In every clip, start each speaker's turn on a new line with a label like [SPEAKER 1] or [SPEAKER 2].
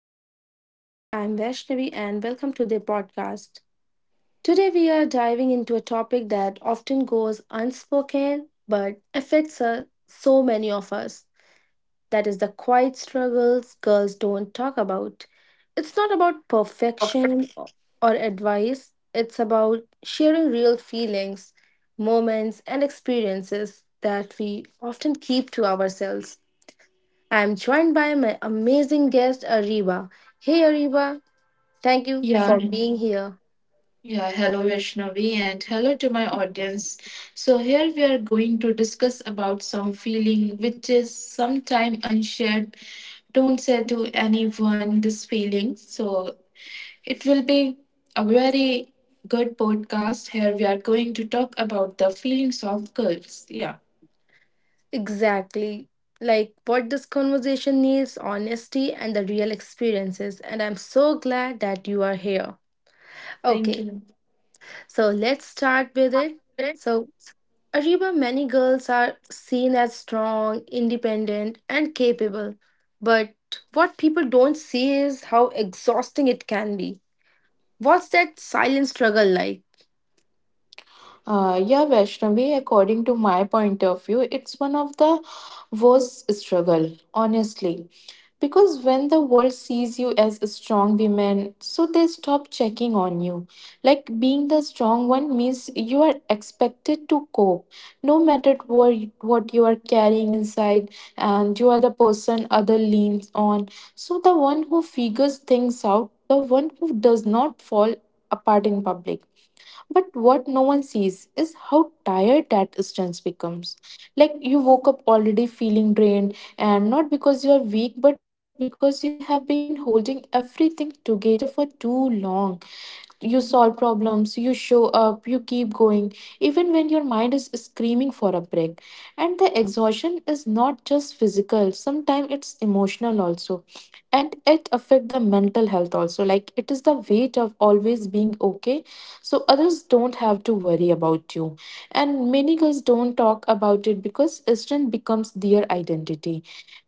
[SPEAKER 1] Hello, everyone. I'm Vaishnavi, and welcome to the podcast. Today, we are diving into a topic that often goes unspoken but affects so many of us. That is the quiet struggles girls don't talk about. It's not about perfection or advice, it's about sharing real feelings, moments, and experiences that we often keep to ourselves. I'm joined by my amazing guest, Ariba. Hey, Ariba. Thank you
[SPEAKER 2] Yeah,
[SPEAKER 1] for Mhm. being here.
[SPEAKER 2] yeah. Hello, Vaishnavi, and hello to my audience. So here we are going to discuss about some feeling which is sometime unshared. Don't say to anyone this feeling. So it will be a very good podcast. Here we are going to talk about the feelings of girls. Yeah.
[SPEAKER 1] Exactly. Like what this conversation needs honesty and the real experiences. And I'm so glad that you are here.
[SPEAKER 2] Thank
[SPEAKER 1] Okay,
[SPEAKER 2] you.
[SPEAKER 1] so let's start with it. So, Ariba, many girls are seen as strong, independent, and capable. But what people don't see is how exhausting it can be. What's that silent struggle like?
[SPEAKER 2] Yeah, Vaishnavi, according to my point of view, it's one of the worst struggle, honestly. Because when the world sees you as a strong woman, so they stop checking on you. Like being the strong one means you are expected to cope, no matter what you are carrying inside, and you are the person other leans on. So the one who figures things out, the one who does not fall apart in public. But what no one sees is how tired that stance becomes. Like you woke up already feeling drained, and not because you are weak, but because you have been holding everything together for too long. You solve problems, you show up, you keep going, even when your mind is screaming for a break. And the exhaustion is not just physical, sometimes it's emotional also. And it affects the mental health also. Like it is the weight of always being okay. So others don't have to worry about you. And many girls don't talk about it because strength becomes their identity.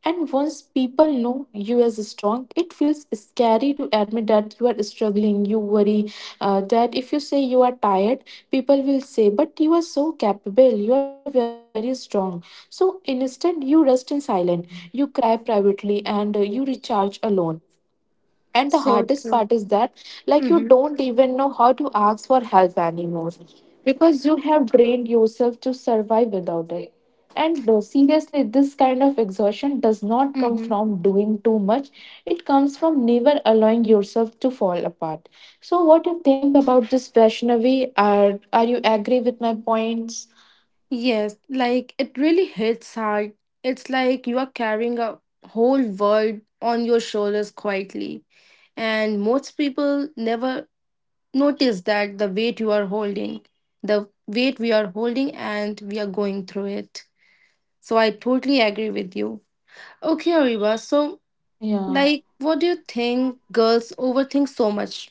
[SPEAKER 2] And once people know you as strong, it feels scary to admit that you are struggling. You worry that if you say you are tired, people will say, but you are so capable, you are very strong. So instead, you rest in silence, you cry privately, and you recharge alone. And the
[SPEAKER 1] So
[SPEAKER 2] hardest
[SPEAKER 1] true.
[SPEAKER 2] part is that, like, you don't even know how to ask for help anymore because you have trained yourself to survive without it. And seriously, this kind of exhaustion does not come
[SPEAKER 1] Mm-hmm.
[SPEAKER 2] from doing too much, it comes from never allowing yourself to fall apart. So, what do you think about this, Vaishnavi? Are you agree with my points?
[SPEAKER 1] Yes, like it really hits hard. It's like you are carrying a whole world on your shoulders quietly. And most people never notice that the weight you are holding, the weight we are holding, and we are going through it. So I totally agree with you. Okay, Ariba, so
[SPEAKER 2] Yeah.
[SPEAKER 1] like what do you think girls overthink so much,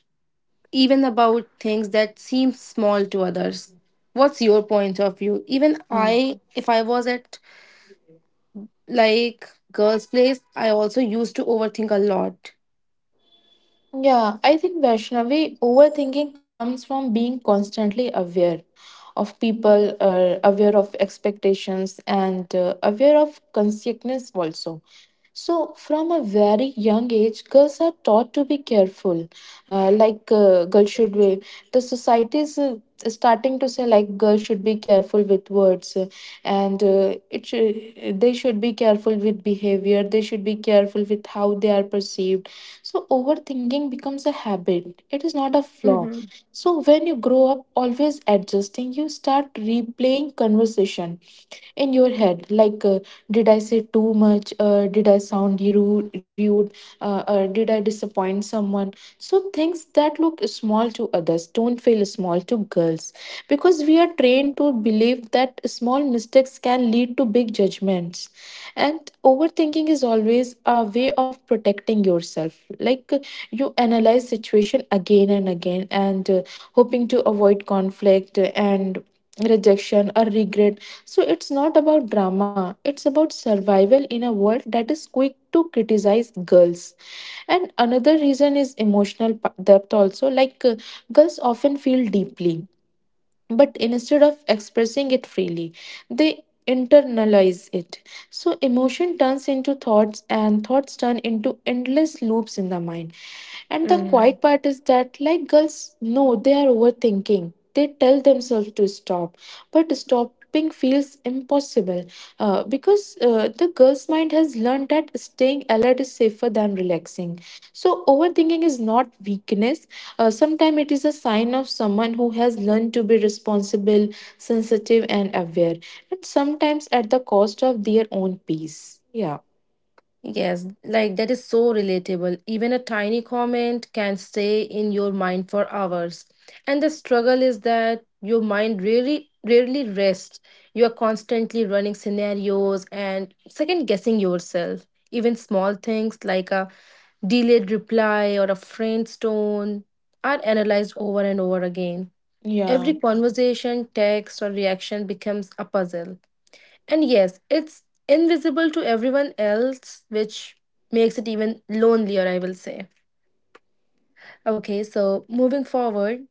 [SPEAKER 1] even about things that seem small to others? What's your point of view? Even
[SPEAKER 2] Uh.
[SPEAKER 1] I, if I was at like girls' place, I also used to overthink a lot.
[SPEAKER 2] Yeah, I think, Vaishnavi, overthinking comes from being constantly aware of people, aware of expectations, and aware of consequences also. So, from a very young age, girls are taught to be careful. Like, girls should be. The society is starting to say, like, girls should be careful with words, and they should be careful with behavior, they should be careful with how they are perceived, so overthinking becomes a habit, it is not a flaw.
[SPEAKER 1] Mm-hmm.
[SPEAKER 2] So, when you grow up always adjusting, you start replaying conversation in your head like did I say too much? Did I sound rude? Did I disappoint someone? So, things that look small to others don't feel small to girls because we are trained to believe that small mistakes can lead to big judgments. And overthinking is always a way of protecting yourself. Like you analyze situation again and again and hoping to avoid conflict and rejection or regret, so it's not about drama, it's about survival in a world that is quick to criticize girls. And another reason is emotional depth also, like girls often feel deeply but instead of expressing it freely, they internalize it. So emotion turns into thoughts, and thoughts turn into endless loops in the mind. And the
[SPEAKER 1] Mm-hmm.
[SPEAKER 2] quiet part is that, like, girls know they are overthinking, they tell themselves to stop, but stopping feels impossible because the girl's mind has learned that staying alert is safer than relaxing. So, overthinking is not weakness. Sometimes it is a sign of someone who has learned to be responsible, sensitive, and aware, and sometimes at the cost of their own peace. Yeah.
[SPEAKER 1] Yes, like that is so relatable. Even a tiny comment can stay in your mind for hours. And the struggle is that your mind really rarely rests. You are constantly running scenarios and second guessing yourself. Even small things like a delayed reply or a friend's tone are analyzed over and over again.
[SPEAKER 2] Yeah.
[SPEAKER 1] Every conversation, text, or reaction becomes a puzzle. And yes, it's invisible to everyone else, which makes it even lonelier, I will say. Okay, so moving forward,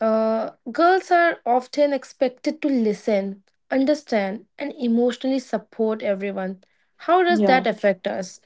[SPEAKER 1] girls are often expected to listen, understand, and emotionally support everyone. How does
[SPEAKER 2] Yeah.
[SPEAKER 1] that affect us?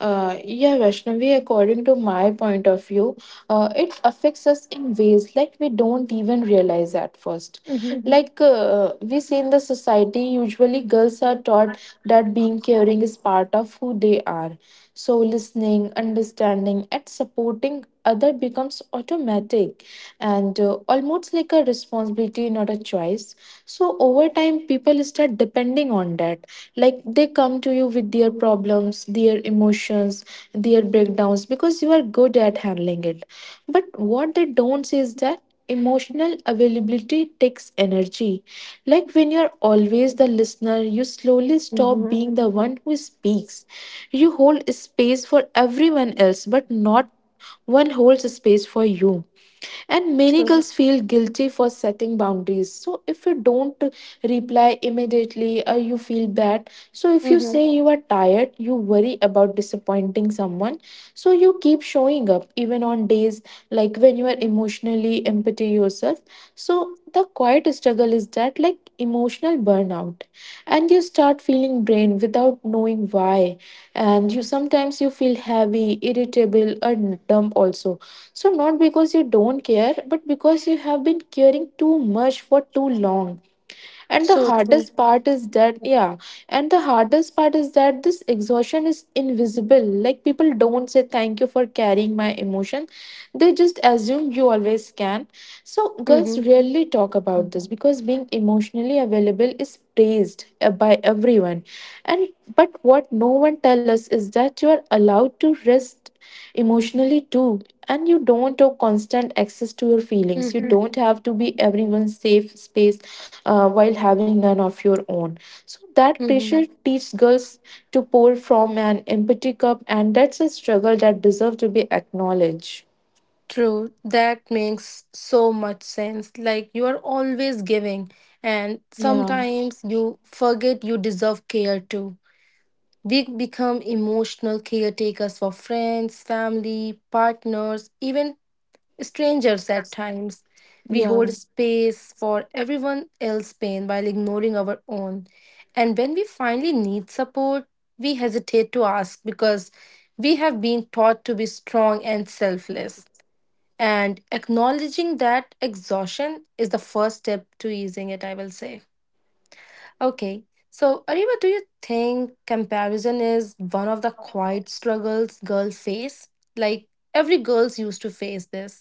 [SPEAKER 2] Yeah, Vaishnavi, according to my point of view, it affects us in ways like we don't even realize at 1st.
[SPEAKER 1] Mm-hmm.
[SPEAKER 2] Like we see in the society, usually girls are taught that being caring is part of who they are. So, listening, understanding, and supporting other becomes automatic and almost like a responsibility, not a choice. So over time people start depending on that, like they come to you with their problems, their emotions, their breakdowns because you are good at handling it. But what they don't see is that emotional availability takes energy. Like when you're always the listener, you slowly stop
[SPEAKER 1] Mm-hmm.
[SPEAKER 2] being the one who speaks. You hold space for everyone else but not one holds a space for you. And many
[SPEAKER 1] True.
[SPEAKER 2] girls feel guilty for setting boundaries, so if you don't reply immediately, or you feel bad, so if you
[SPEAKER 1] Mm-hmm.
[SPEAKER 2] say you are tired, you worry about disappointing someone. So you keep showing up even on days like when you are emotionally empty yourself. So the quiet struggle is that, like, emotional burnout, and you start feeling drained without knowing why. And you sometimes you feel heavy, irritable, or dumb also. So, not because you don't care, but because you have been caring too much for too long. And the
[SPEAKER 1] So true.
[SPEAKER 2] hardest part is that, yeah, and the hardest part is that this exhaustion is invisible. Like, people don't say thank you for carrying my emotion, they just assume you always can. So, girls
[SPEAKER 1] Mm-hmm.
[SPEAKER 2] rarely talk about this because being emotionally available is praised by everyone. And but what no one tells us is that you are allowed to rest emotionally too, and you don't have constant access to your feelings. You
[SPEAKER 1] Mm-hmm.
[SPEAKER 2] don't have to be everyone's safe space while having none of your own. So that pressure
[SPEAKER 1] Mm-hmm.
[SPEAKER 2] teaches girls to pour from an empty cup, and that's a struggle that deserves to be acknowledged.
[SPEAKER 1] True, that makes so much sense. Like you are always giving, and
[SPEAKER 2] Yeah,
[SPEAKER 1] sometimes you forget you deserve care too. We become emotional caretakers for friends, family, partners, even strangers at times. We
[SPEAKER 2] yeah.
[SPEAKER 1] hold space for everyone else's pain while ignoring our own. And when we finally need support, we hesitate to ask because we have been taught to be strong and selfless. And acknowledging that exhaustion is the first step to easing it, I will say. Okay, so Ariba, do you think comparison is one of the quiet struggles girls face? Like every girls used to face this.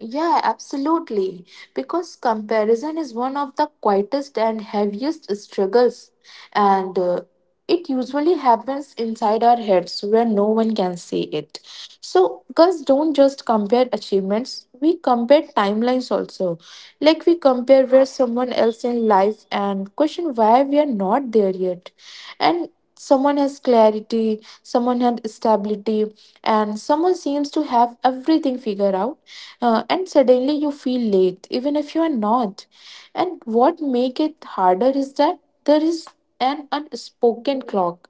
[SPEAKER 2] Yeah, absolutely. Because comparison is one of the quietest and heaviest struggles, and it usually happens inside our heads where no one can see it. So, girls don't just compare achievements, we compare timelines also. Like, we compare where someone else in life and question why we are not there yet. And someone has clarity, someone had stability, and someone seems to have everything figured out, and suddenly you feel late even if you are not. And what make it harder is that there is an unspoken clock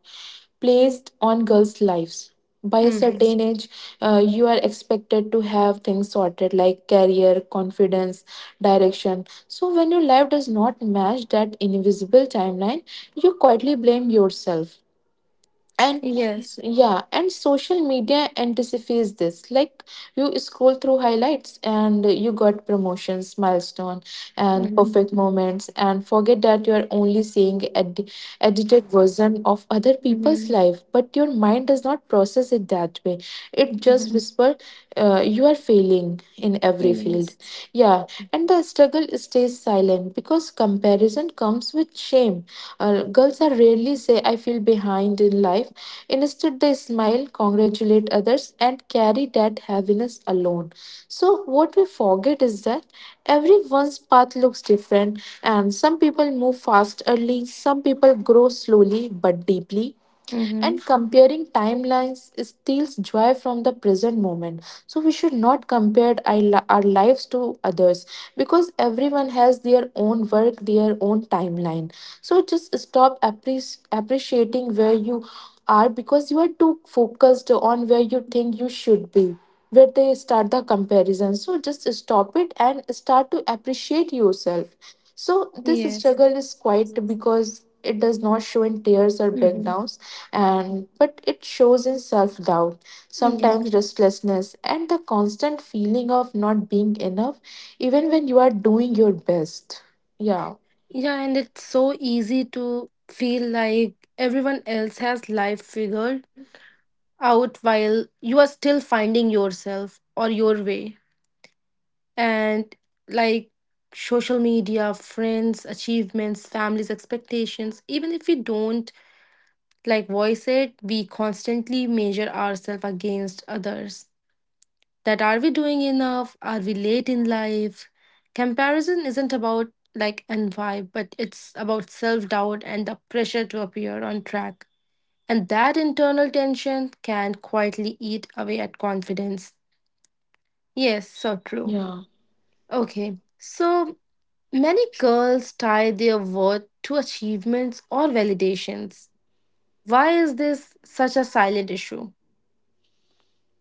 [SPEAKER 2] placed on girls lives. By a
[SPEAKER 1] Mm-hmm.
[SPEAKER 2] certain age, you are expected to have things sorted, like career, confidence, direction. So when your life does not match that invisible timeline, you quietly blame yourself. And
[SPEAKER 1] Yes.
[SPEAKER 2] yeah, and social media anticipates this, like you scroll through highlights and you got promotions, milestone, and
[SPEAKER 1] Mm-hmm.
[SPEAKER 2] perfect moments and forget that you're only seeing edited version of other people's
[SPEAKER 1] Mm-hmm.
[SPEAKER 2] life, but your mind does not process it that way. It just whisper, you are failing in every
[SPEAKER 1] Mm-hmm.
[SPEAKER 2] field.
[SPEAKER 1] Yes.
[SPEAKER 2] Yeah. And the struggle stays silent because comparison comes with shame. Girls are rarely say, I feel behind in life. Instead, they smile, congratulate others, and carry that heaviness alone. So, what we forget is that everyone's path looks different, and some people move fast early, some people grow slowly but deeply.
[SPEAKER 1] Mm-hmm.
[SPEAKER 2] And comparing timelines steals joy from the present moment. So we should not compare our lives to others because everyone has their own work, their own timeline. So just stop appreciating where you are because you are too focused on where you think you should be. Where they start the comparison. So just stop it and start to appreciate yourself. So this
[SPEAKER 1] Yes.
[SPEAKER 2] struggle is quiet because it does not show in tears or
[SPEAKER 1] Mm-hmm.
[SPEAKER 2] breakdowns, and but it shows in self-doubt,
[SPEAKER 1] Yeah.
[SPEAKER 2] sometimes restlessness and the constant feeling of not being enough even when you are doing your best. Yeah.
[SPEAKER 1] Yeah, and it's so easy to feel like everyone else has life figured out while you are still finding yourself or your way. And like social media, friends, achievements, family's expectations, even if we don't like voice it, we constantly measure ourselves against others. That are we doing enough? Are we late in life? Comparison isn't about like and why, but it's about self doubt and the pressure to appear on track. And that internal tension can quietly eat away at confidence. Yes, so true.
[SPEAKER 2] Yeah.
[SPEAKER 1] Okay, so many girls tie their worth to achievements or validations. Why is this such a silent issue?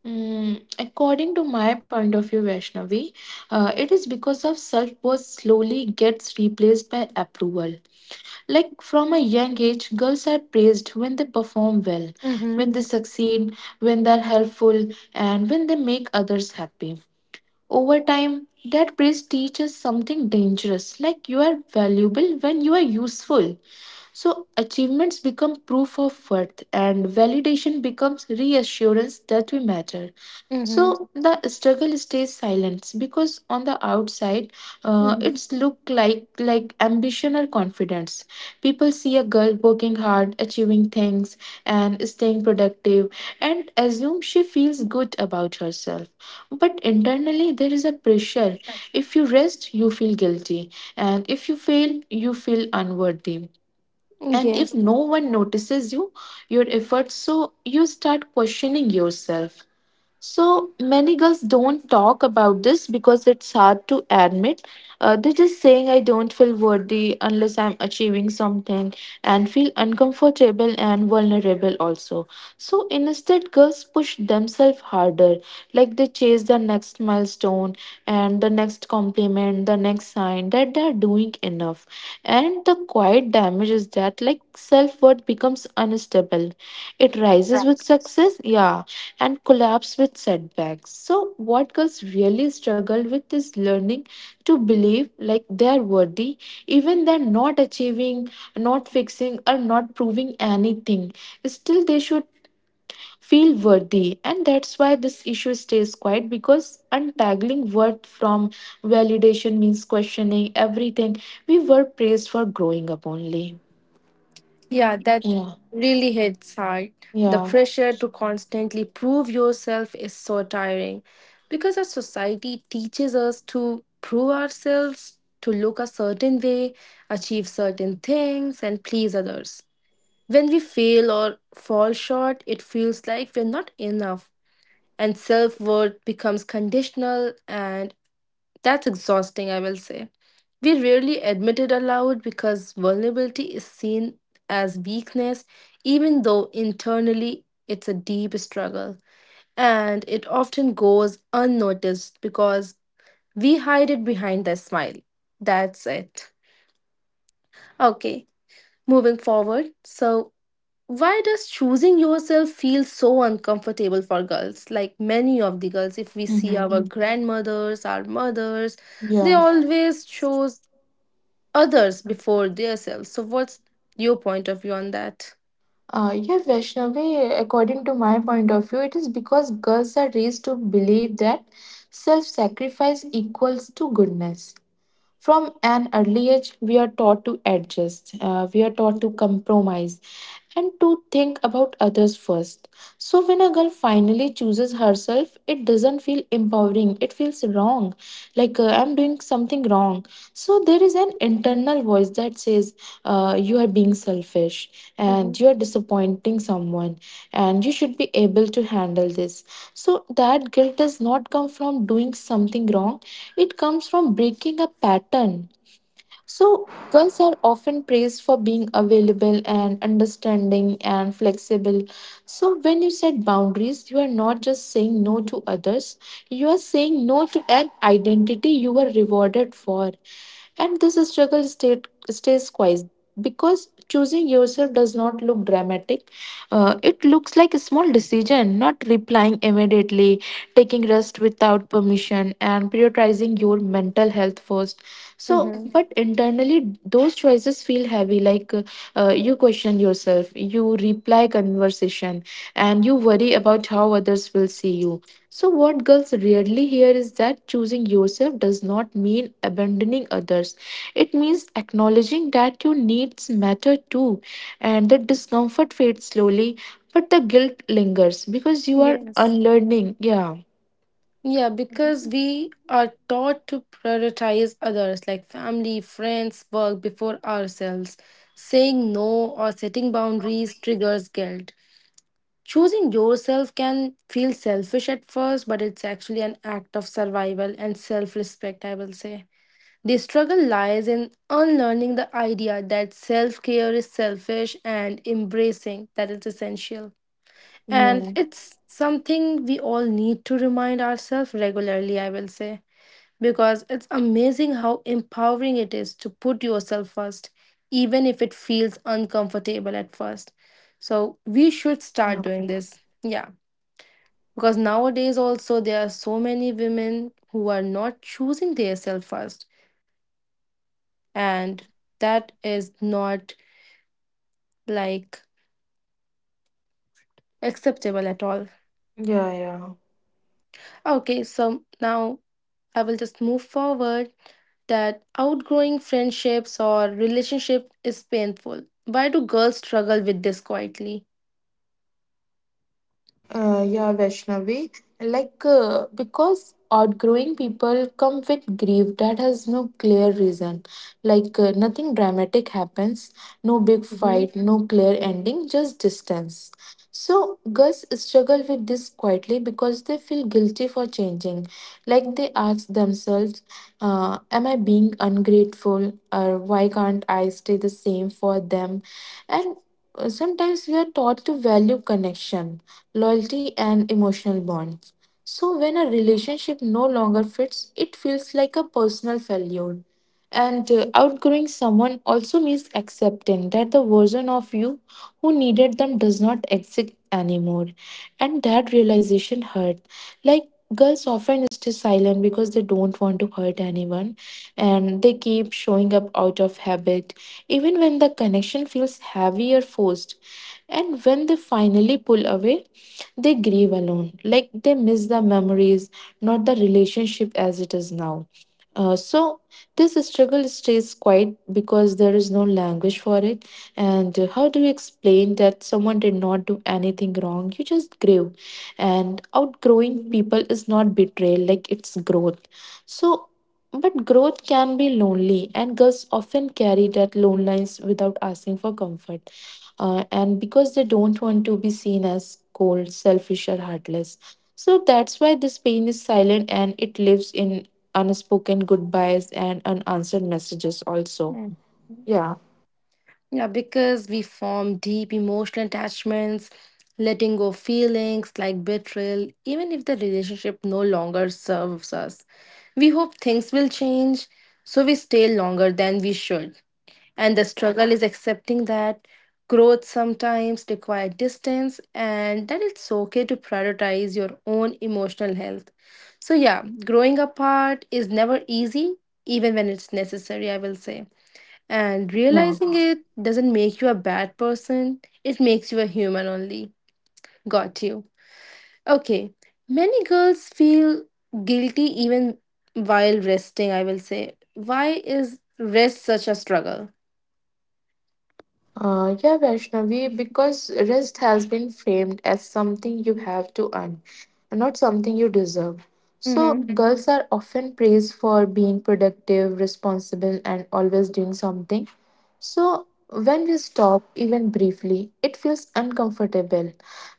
[SPEAKER 2] Mm, according to my point of view, Vaishnavi, it is because of self worth slowly gets replaced by approval. Like from a young age, girls are praised when they perform well,
[SPEAKER 1] Mm-hmm.
[SPEAKER 2] when they succeed, when they're helpful, and when they make others happy. Over time, that praise teaches something dangerous, like you are valuable when you are useful. So achievements become proof of worth and validation becomes reassurance that we matter.
[SPEAKER 1] Mm-hmm.
[SPEAKER 2] So the struggle stays silent because on the outside, it's
[SPEAKER 1] Mm-hmm.
[SPEAKER 2] look like ambition or confidence. People see a girl working hard, achieving things, and staying productive, and assume she feels good about herself. But internally, there is a pressure. If you rest, you feel guilty, and if you fail, you feel unworthy. And if
[SPEAKER 1] Yes.
[SPEAKER 2] no one notices you, your efforts, so you start questioning yourself. So many girls don't talk about this because it's hard to admit. They're just saying, I don't feel worthy unless I'm achieving something, and feel uncomfortable and vulnerable also. So instead, girls push themselves harder, like they chase the next milestone and the next compliment, the next sign that they're doing enough. And the quiet damage is that, like, self worth becomes unstable. It rises with
[SPEAKER 1] Right.
[SPEAKER 2] success, yeah, and collapse with setbacks. So, what girls really struggle with is learning to believe like they're worthy, even they're not achieving, not fixing, or not proving anything. Still, they should feel worthy, and that's why this issue stays quiet because untangling worth from validation means questioning everything. We were praised for growing up only.
[SPEAKER 1] Yeah, that
[SPEAKER 2] Yeah.
[SPEAKER 1] really hits hard. The
[SPEAKER 2] Yeah.
[SPEAKER 1] pressure to constantly prove yourself is so tiring because our society teaches us to prove ourselves, to look a certain way, achieve certain things, and please others. When we fail or fall short, it feels like we're not enough, and self worth becomes conditional, and that's exhausting, I will say. We rarely admit it aloud because vulnerability is seen as weakness, even though internally it's a deep struggle. And it often goes unnoticed because we hide it behind the smile. That's it. Okay, moving forward. So, why does choosing yourself feel so uncomfortable for girls? Like many of the girls, if we see our
[SPEAKER 2] Mhm.
[SPEAKER 1] grandmothers, our mothers, they
[SPEAKER 2] Yeah.
[SPEAKER 1] always chose others before themselves. So, what's your point of view on that?
[SPEAKER 2] Yeah, Vaishnavi, according to my point of view, it is because girls are raised to believe that self sacrifice equals to goodness. From an early age, we are taught to adjust, we are taught to compromise, and to think about others first. So, when a girl finally chooses herself, it doesn't feel empowering, it feels wrong like I'm doing something wrong. So there is an internal voice that says, you are being selfish,
[SPEAKER 1] Mm-hmm.
[SPEAKER 2] and you are disappointing someone, and you should be able to handle this. So that guilt does not come from doing something wrong, it comes from breaking a pattern. So, girls are often praised for being available and understanding and flexible. So, when you set boundaries, you are not just saying no to others, you are saying no to an identity you were rewarded for. And this struggle state, stays quiet because choosing yourself does not look dramatic. It looks like a small decision: not replying immediately, taking rest without permission, and prioritizing your mental health first. So,
[SPEAKER 1] Mm-hmm.
[SPEAKER 2] but internally, those choices feel heavy. Like you question yourself, you reply conversation, and you worry about how others will see you. So, what girls rarely hear is that choosing yourself does not mean abandoning others. It means acknowledging that your needs matter too, and the discomfort fades slowly, but the guilt lingers because you are
[SPEAKER 1] Yes.
[SPEAKER 2] unlearning. Yeah,
[SPEAKER 1] Yeah, because we are taught to prioritize others like family, friends, work before ourselves. Saying no or setting boundaries triggers guilt. Choosing yourself can feel selfish at first, but it's actually an act of survival and self respect, I will say. The struggle lies in unlearning the idea that self care is selfish and embracing that it's essential. And
[SPEAKER 2] yeah,
[SPEAKER 1] it's something we all need to remind ourselves regularly, I will say, because it's amazing how empowering it is to put yourself first, even if it feels uncomfortable at first. So we should start doing this. Yeah, because nowadays also there are so many women who are not choosing their self first, and that is not like acceptable at all.
[SPEAKER 2] yeah, yeah.
[SPEAKER 1] Okay, so now I will just move forward that outgrowing friendships or relationship is painful. Why do girls struggle with this quietly?
[SPEAKER 2] Yeah, Vaishnavi. Like, because outgrowing people come with grief that has no clear reason. Like, nothing dramatic happens, no big
[SPEAKER 1] Hmm.
[SPEAKER 2] fight, no clear ending, just distance. So Gus struggle with this quietly because they feel guilty for changing. Like they ask themselves, "Am I being ungrateful, or why can't I stay the same for them?" And sometimes we are taught to value connection, loyalty, and emotional bonds. So when a relationship no longer fits, it feels like a personal failure. And outgrowing someone also means accepting that the version of you who needed them does not exist anymore. And that realization hurt. Like girls often stay silent because they don't want to hurt anyone, and they keep showing up out of habit, even when the connection feels heavy or forced. And when they finally pull away, they grieve alone. Like they miss the memories, not the relationship as it is now. So this struggle stays quiet because there is no language for it. And how do you explain that someone did not do anything wrong? You just grew. And outgrowing people is not betrayal, like it's growth. So, but growth can be lonely, and girls often carry that loneliness without asking for comfort. And because they don't want to be seen as cold, selfish, or heartless. So that's why this pain is silent, and it lives in unspoken goodbyes and unanswered messages also. Yeah.
[SPEAKER 1] Yeah, because we form deep emotional attachments, letting go feelings like betrayal, even if the relationship no longer serves us. We hope things will change, so we stay longer than we should. And the struggle is accepting that growth sometimes requires distance and that it's okay to prioritize your own emotional health. So, yeah, growing apart is never easy, even when it's necessary, I will say. And
[SPEAKER 2] Yeah.
[SPEAKER 1] realizing it doesn't make you a bad person, it makes you a human only. Got you. Okay, many girls feel guilty even while resting, I will say. Why is rest such a struggle?
[SPEAKER 2] Yeah, Vaishnavi, because rest has been framed as something you have to earn, not something you deserve. So,
[SPEAKER 1] Mm-hmm.
[SPEAKER 2] mhm, girls are often praised for being productive, responsible, and always doing something. So, when we stop, even briefly, it feels uncomfortable,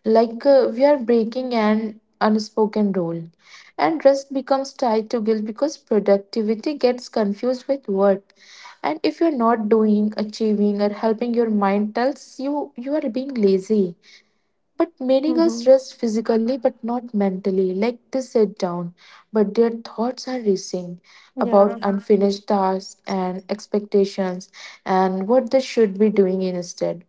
[SPEAKER 2] like we are breaking an unspoken rule. And rest becomes tied to guilt because productivity gets confused with work, and if you're not doing, achieving, or helping, your mind tells you you are being lazy. But many girls
[SPEAKER 1] Mm-hmm.
[SPEAKER 2] rest physically but not mentally. Like they sit down, but their thoughts are racing about
[SPEAKER 1] Yeah.
[SPEAKER 2] unfinished tasks and expectations and what they should be doing instead.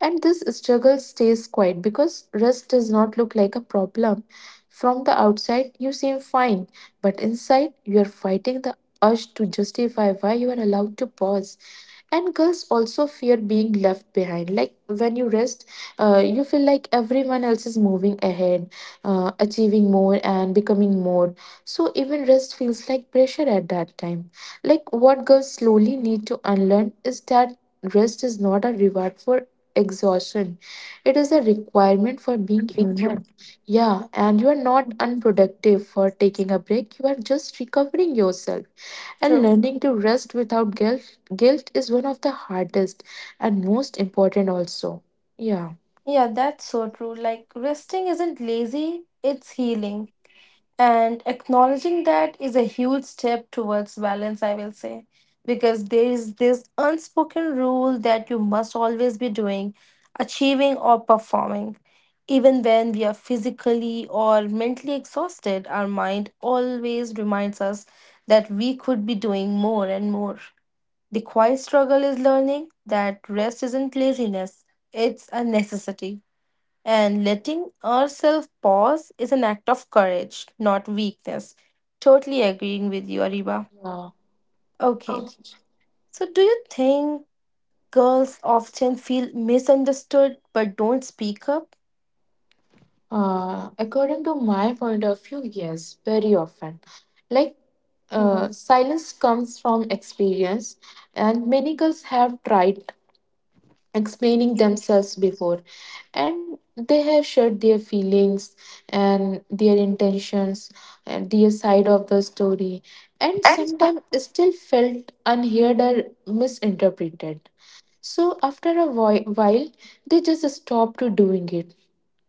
[SPEAKER 2] And this struggle stays quiet because rest does not look like a problem. From the outside, you seem fine, but inside, you are fighting the urge to justify why you are allowed to pause. And girls also fear being left behind. Like when you rest, you feel like everyone else is moving ahead, achieving more, and becoming more. So even rest feels like pressure at that time. Like what girls slowly need to unlearn is that rest is not a reward for exhaustion. It is a requirement for being
[SPEAKER 1] Mm-hmm.
[SPEAKER 2] human. Yeah, and you are not unproductive for taking a break. You are just recovering yourself. And
[SPEAKER 1] True.
[SPEAKER 2] learning to rest without guilt is one of the hardest and most important also. Yeah.
[SPEAKER 1] Yeah, that's so true. Like resting isn't lazy, it's healing. And acknowledging that is a huge step towards balance, I will say, because there is this unspoken rule that you must always be doing, achieving, or performing. Even when we are physically or mentally exhausted, our mind always reminds us that we could be doing more and more. The quiet struggle is learning that rest isn't laziness, it's a necessity. And letting ourselves pause is an act of courage, not weakness. Totally agreeing with you, Ariba.
[SPEAKER 2] Yeah.
[SPEAKER 1] Okay, so do you think girls often feel misunderstood but don't speak up?
[SPEAKER 2] According to my point of view, yes, very often. Like,
[SPEAKER 1] Mhm.
[SPEAKER 2] silence comes from experience, and many girls have tried explaining themselves before, and they have shared their feelings and their intentions and their side of the story, and
[SPEAKER 1] And
[SPEAKER 2] sometimes still felt unheard or misinterpreted. So after while, they just stop to doing it,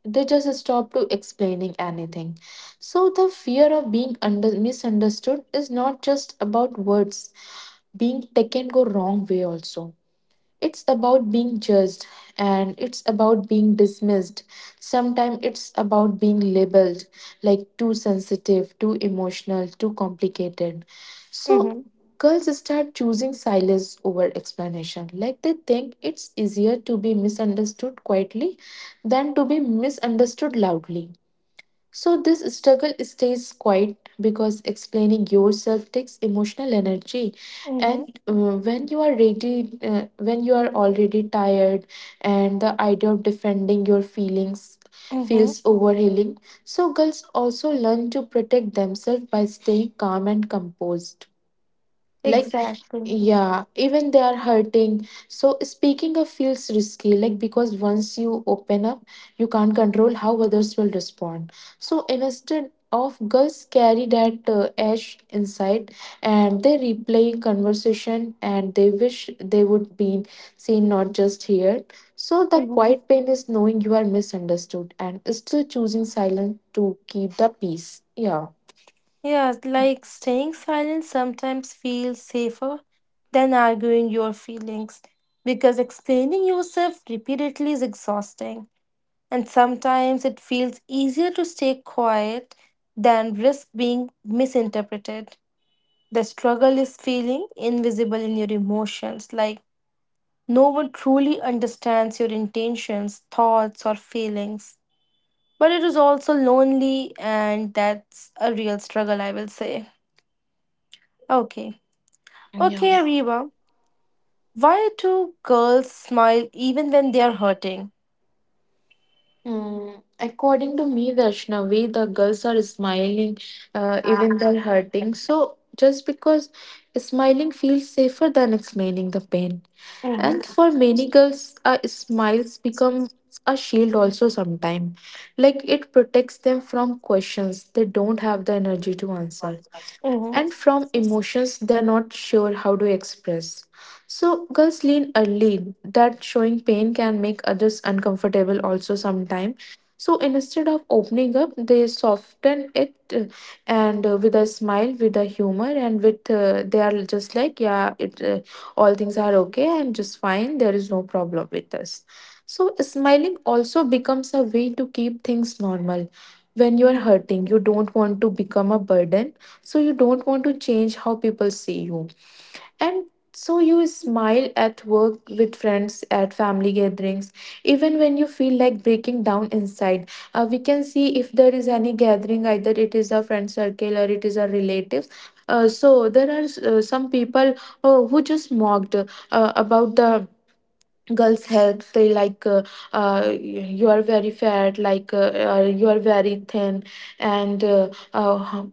[SPEAKER 2] they just stop to explaining anything. So the fear of being misunderstood is not just about words being taken go wrong way also, it's about being judged, and it's about being dismissed. Sometimes it's about being labeled like too sensitive, too emotional, too complicated. So
[SPEAKER 1] Mm-hmm.
[SPEAKER 2] girls start choosing silence over explanation. Like they think it's easier to be misunderstood quietly than to be misunderstood loudly. So, this struggle stays quiet because explaining yourself takes emotional energy.
[SPEAKER 1] Mm-hmm.
[SPEAKER 2] And when you are already tired, and the idea of defending your feelings
[SPEAKER 1] Mm-hmm.
[SPEAKER 2] feels overwhelming, so girls also learn to protect themselves by staying calm and composed, like
[SPEAKER 1] Exactly.
[SPEAKER 2] yeah, even they are hurting. So speaking of feels risky, like because once you open up, you can't control how others will respond. So instead of, girls carry that ash inside, and they replay conversation, and they wish they would be seen, not just heard. So the
[SPEAKER 1] Mm-hmm.
[SPEAKER 2] quiet pain is knowing you are misunderstood and still choosing silence to keep the peace. Yeah.
[SPEAKER 1] Yes, like staying silent sometimes feels safer than arguing your feelings because explaining yourself repeatedly is exhausting. And sometimes it feels easier to stay quiet than risk being misinterpreted. The struggle is feeling invisible in your emotions, like no one truly understands your intentions, thoughts, or feelings. But it is also lonely, and that's a real struggle, I will say. Okay.
[SPEAKER 2] Yeah.
[SPEAKER 1] Okay, Ariba, why do girls smile even when they are hurting?
[SPEAKER 2] Hmm. According to me, Vaishnavi, the girls are smiling even they're hurting. So just because smiling feels safer than explaining the pain. And
[SPEAKER 1] Mm-hmm.
[SPEAKER 2] for many girls, smiles become a shield also sometime. Like it protects them from questions they don't have the energy to answer,
[SPEAKER 1] Mm-hmm.
[SPEAKER 2] and from emotions they're not sure how to express. So girls lean early that showing pain can make others uncomfortable also sometime. So instead of opening up, they soften it, and with a smile, with a humor, and with they are just like yeah, it all things are okay and just fine. There is no problem with us. So smiling also becomes a way to keep things normal. When you are hurting, you don't want to become a burden, so you don't want to change how people see you. And so you smile at work, with friends, at family gatherings, even when you feel like breaking down inside. We can see if there is any gathering, either it is a friend circle or it is a relatives. So there are some people who just mocked about the girl's health. They like, you are very fat, like you are very thin, and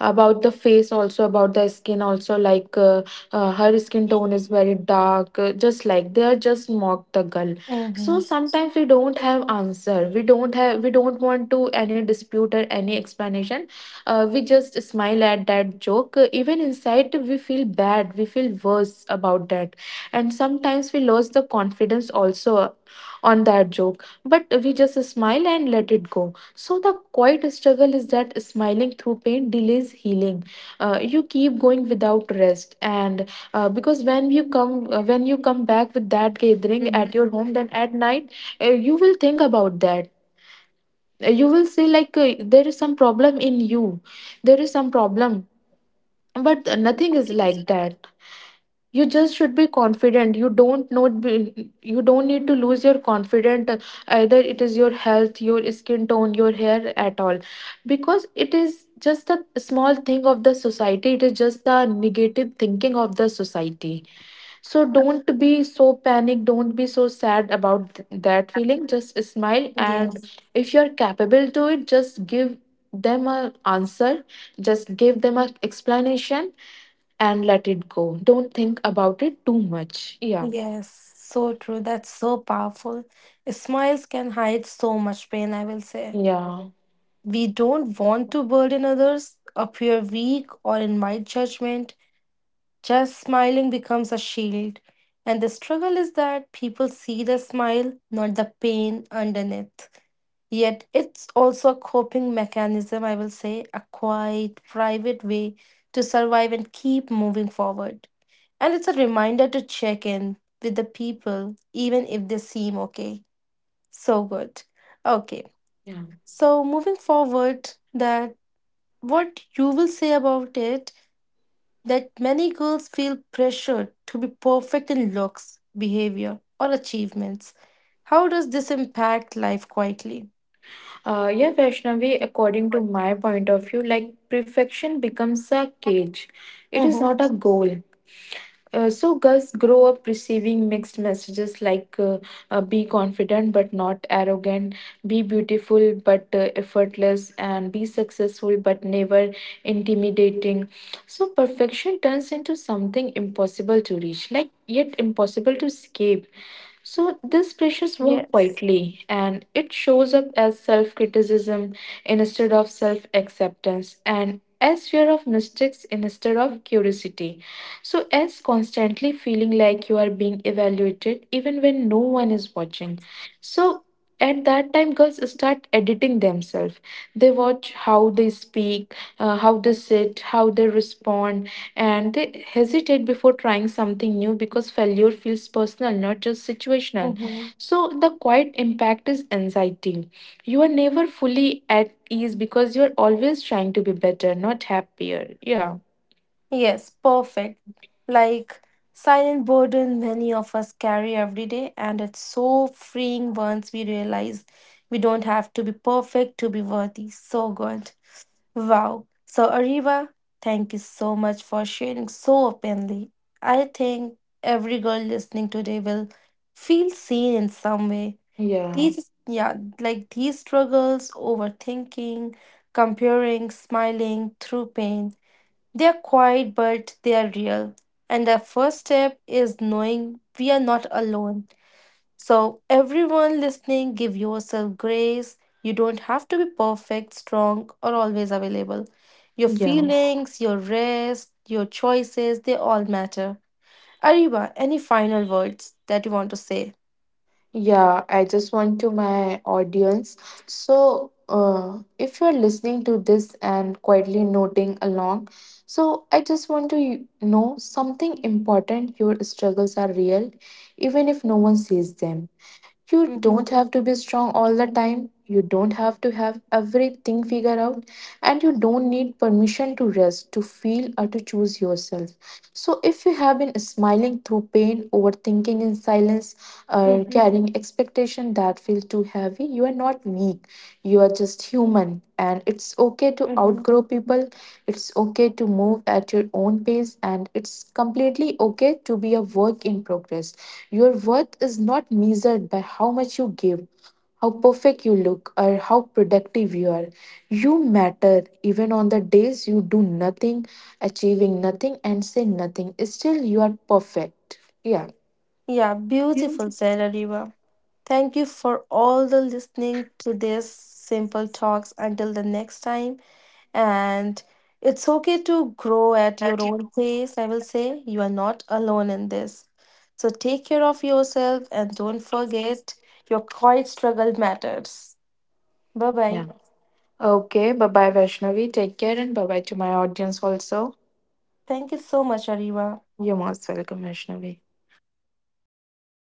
[SPEAKER 2] about the face also, about the skin also, like her skin tone is very dark. Just like they are just mock the girl. So
[SPEAKER 1] Mm-hmm.
[SPEAKER 2] sometimes we don't have answer, we don't have, we don't want to any dispute or any explanation. We just smile at that joke. Even inside we feel bad, we feel worse about that, and sometimes we lose the confidence also on that joke, but we just smile and let it go. So the quiet struggle is that smiling through pain delays healing. You keep going without rest, and because when you come back with that gathering
[SPEAKER 1] Mm-hmm.
[SPEAKER 2] at your home, then at night, you will think about that. You will say like there is some problem in you, there is some problem, but nothing is like that. You just should be confident, you don't not be, you don't need to lose your confidence, either it is your health, your skin tone, your hair at all, because it is just a small thing of the society, it is just a negative thinking of the society. So don't be so panic, don't be so sad about that feeling, just smile. And
[SPEAKER 1] Yes.
[SPEAKER 2] if you're capable to it, just give them a answer, just give them a explanation and let it go. Don't think about it too much. Yeah.
[SPEAKER 1] Yes, so true. That's so powerful. Smiles can hide so much pain, I will say.
[SPEAKER 2] Yeah.
[SPEAKER 1] We don't want to burden others, appear weak, or invite judgment. Just smiling becomes a shield. And the struggle is that people see the smile, not the pain underneath. Yet it's also a coping mechanism, I will say, a quiet, private way to survive and keep moving forward. And it's a reminder to check in with the people, even if they seem okay. So good. Okay.
[SPEAKER 2] Yeah.
[SPEAKER 1] So moving forward, that what you will say about it that many girls feel pressured to be perfect in looks, behavior, or achievements. How does this impact life quietly?
[SPEAKER 2] Yeah, Vaishnavi, according to my point of view, like perfection becomes a cage. It is not a
[SPEAKER 1] Mm-hmm.
[SPEAKER 2] goal. So girls grow up receiving mixed messages, like be confident but not arrogant, be beautiful but effortless, and be successful but never intimidating. So perfection turns into something impossible to reach, like yet impossible to escape. So, these pressures work
[SPEAKER 1] Yes.
[SPEAKER 2] quietly, and it shows up as self criticism instead of self acceptance, and as fear of mistakes instead of curiosity. So, as constantly feeling like you are being evaluated even when no one is watching. So, at that time girls start editing themselves, they watch how they speak, how they sit, how they respond, and they hesitate before trying something new because failure feels personal, not just situational.
[SPEAKER 1] Mm-hmm.
[SPEAKER 2] So the quiet impact is anxiety. You are never fully at ease because you're always trying to be better, not happier. Yeah.
[SPEAKER 1] Yes, perfect. Like silent burden many of us carry every day, and it's so freeing once we realize we don't have to be perfect to be worthy. So good. Wow. So, Ariba, thank you so much for sharing so openly. I think every girl listening today will feel seen in some way.
[SPEAKER 2] Yeah.
[SPEAKER 1] These, yeah, like these struggles, overthinking, comparing, smiling through pain, they are quiet, but they are real. And the first step is knowing we are not alone. So, everyone listening, give yourself grace. You don't have to be perfect, strong, or always available. Your
[SPEAKER 2] Yeah.
[SPEAKER 1] feelings, your rest, your choices, they all matter. Ariba, any final words that you want to say?
[SPEAKER 2] Yeah, I just want to my audience. So, if you're listening to this and quietly noting along, so I just want to know something important. Your struggles are real, even if no one sees them. You
[SPEAKER 1] Mm-hmm.
[SPEAKER 2] don't have to be strong all the time. You don't have to have everything figured out, and you don't need permission to rest, to feel, or to choose yourself. So, if you have been smiling through pain, overthinking in silence, or
[SPEAKER 1] Mm-hmm.
[SPEAKER 2] carrying expectation that feel too heavy, you are not weak. You are just human, and it's okay to
[SPEAKER 1] Mm-hmm.
[SPEAKER 2] outgrow people. It's okay to move at your own pace, and it's completely okay to be a work in progress. Your worth is not measured by how much you give, how perfect you look, or how productive you are. You matter even on the days you do nothing, achieving nothing, and say nothing. Still, you are perfect. Yeah.
[SPEAKER 1] Yeah, beautiful said Ariba. Thank you for all the listening to this simple talks. Until the next time. And it's okay to grow at your own pace, I will say. You are not alone in this. So take care of yourself and don't forget your quiet struggle matters. Bye bye.
[SPEAKER 2] Yeah. Okay. Bye bye, Vaishnavi. Take care and bye bye to my audience also.
[SPEAKER 1] Thank you so much, Ariva.
[SPEAKER 2] You're most welcome, Vaishnavi.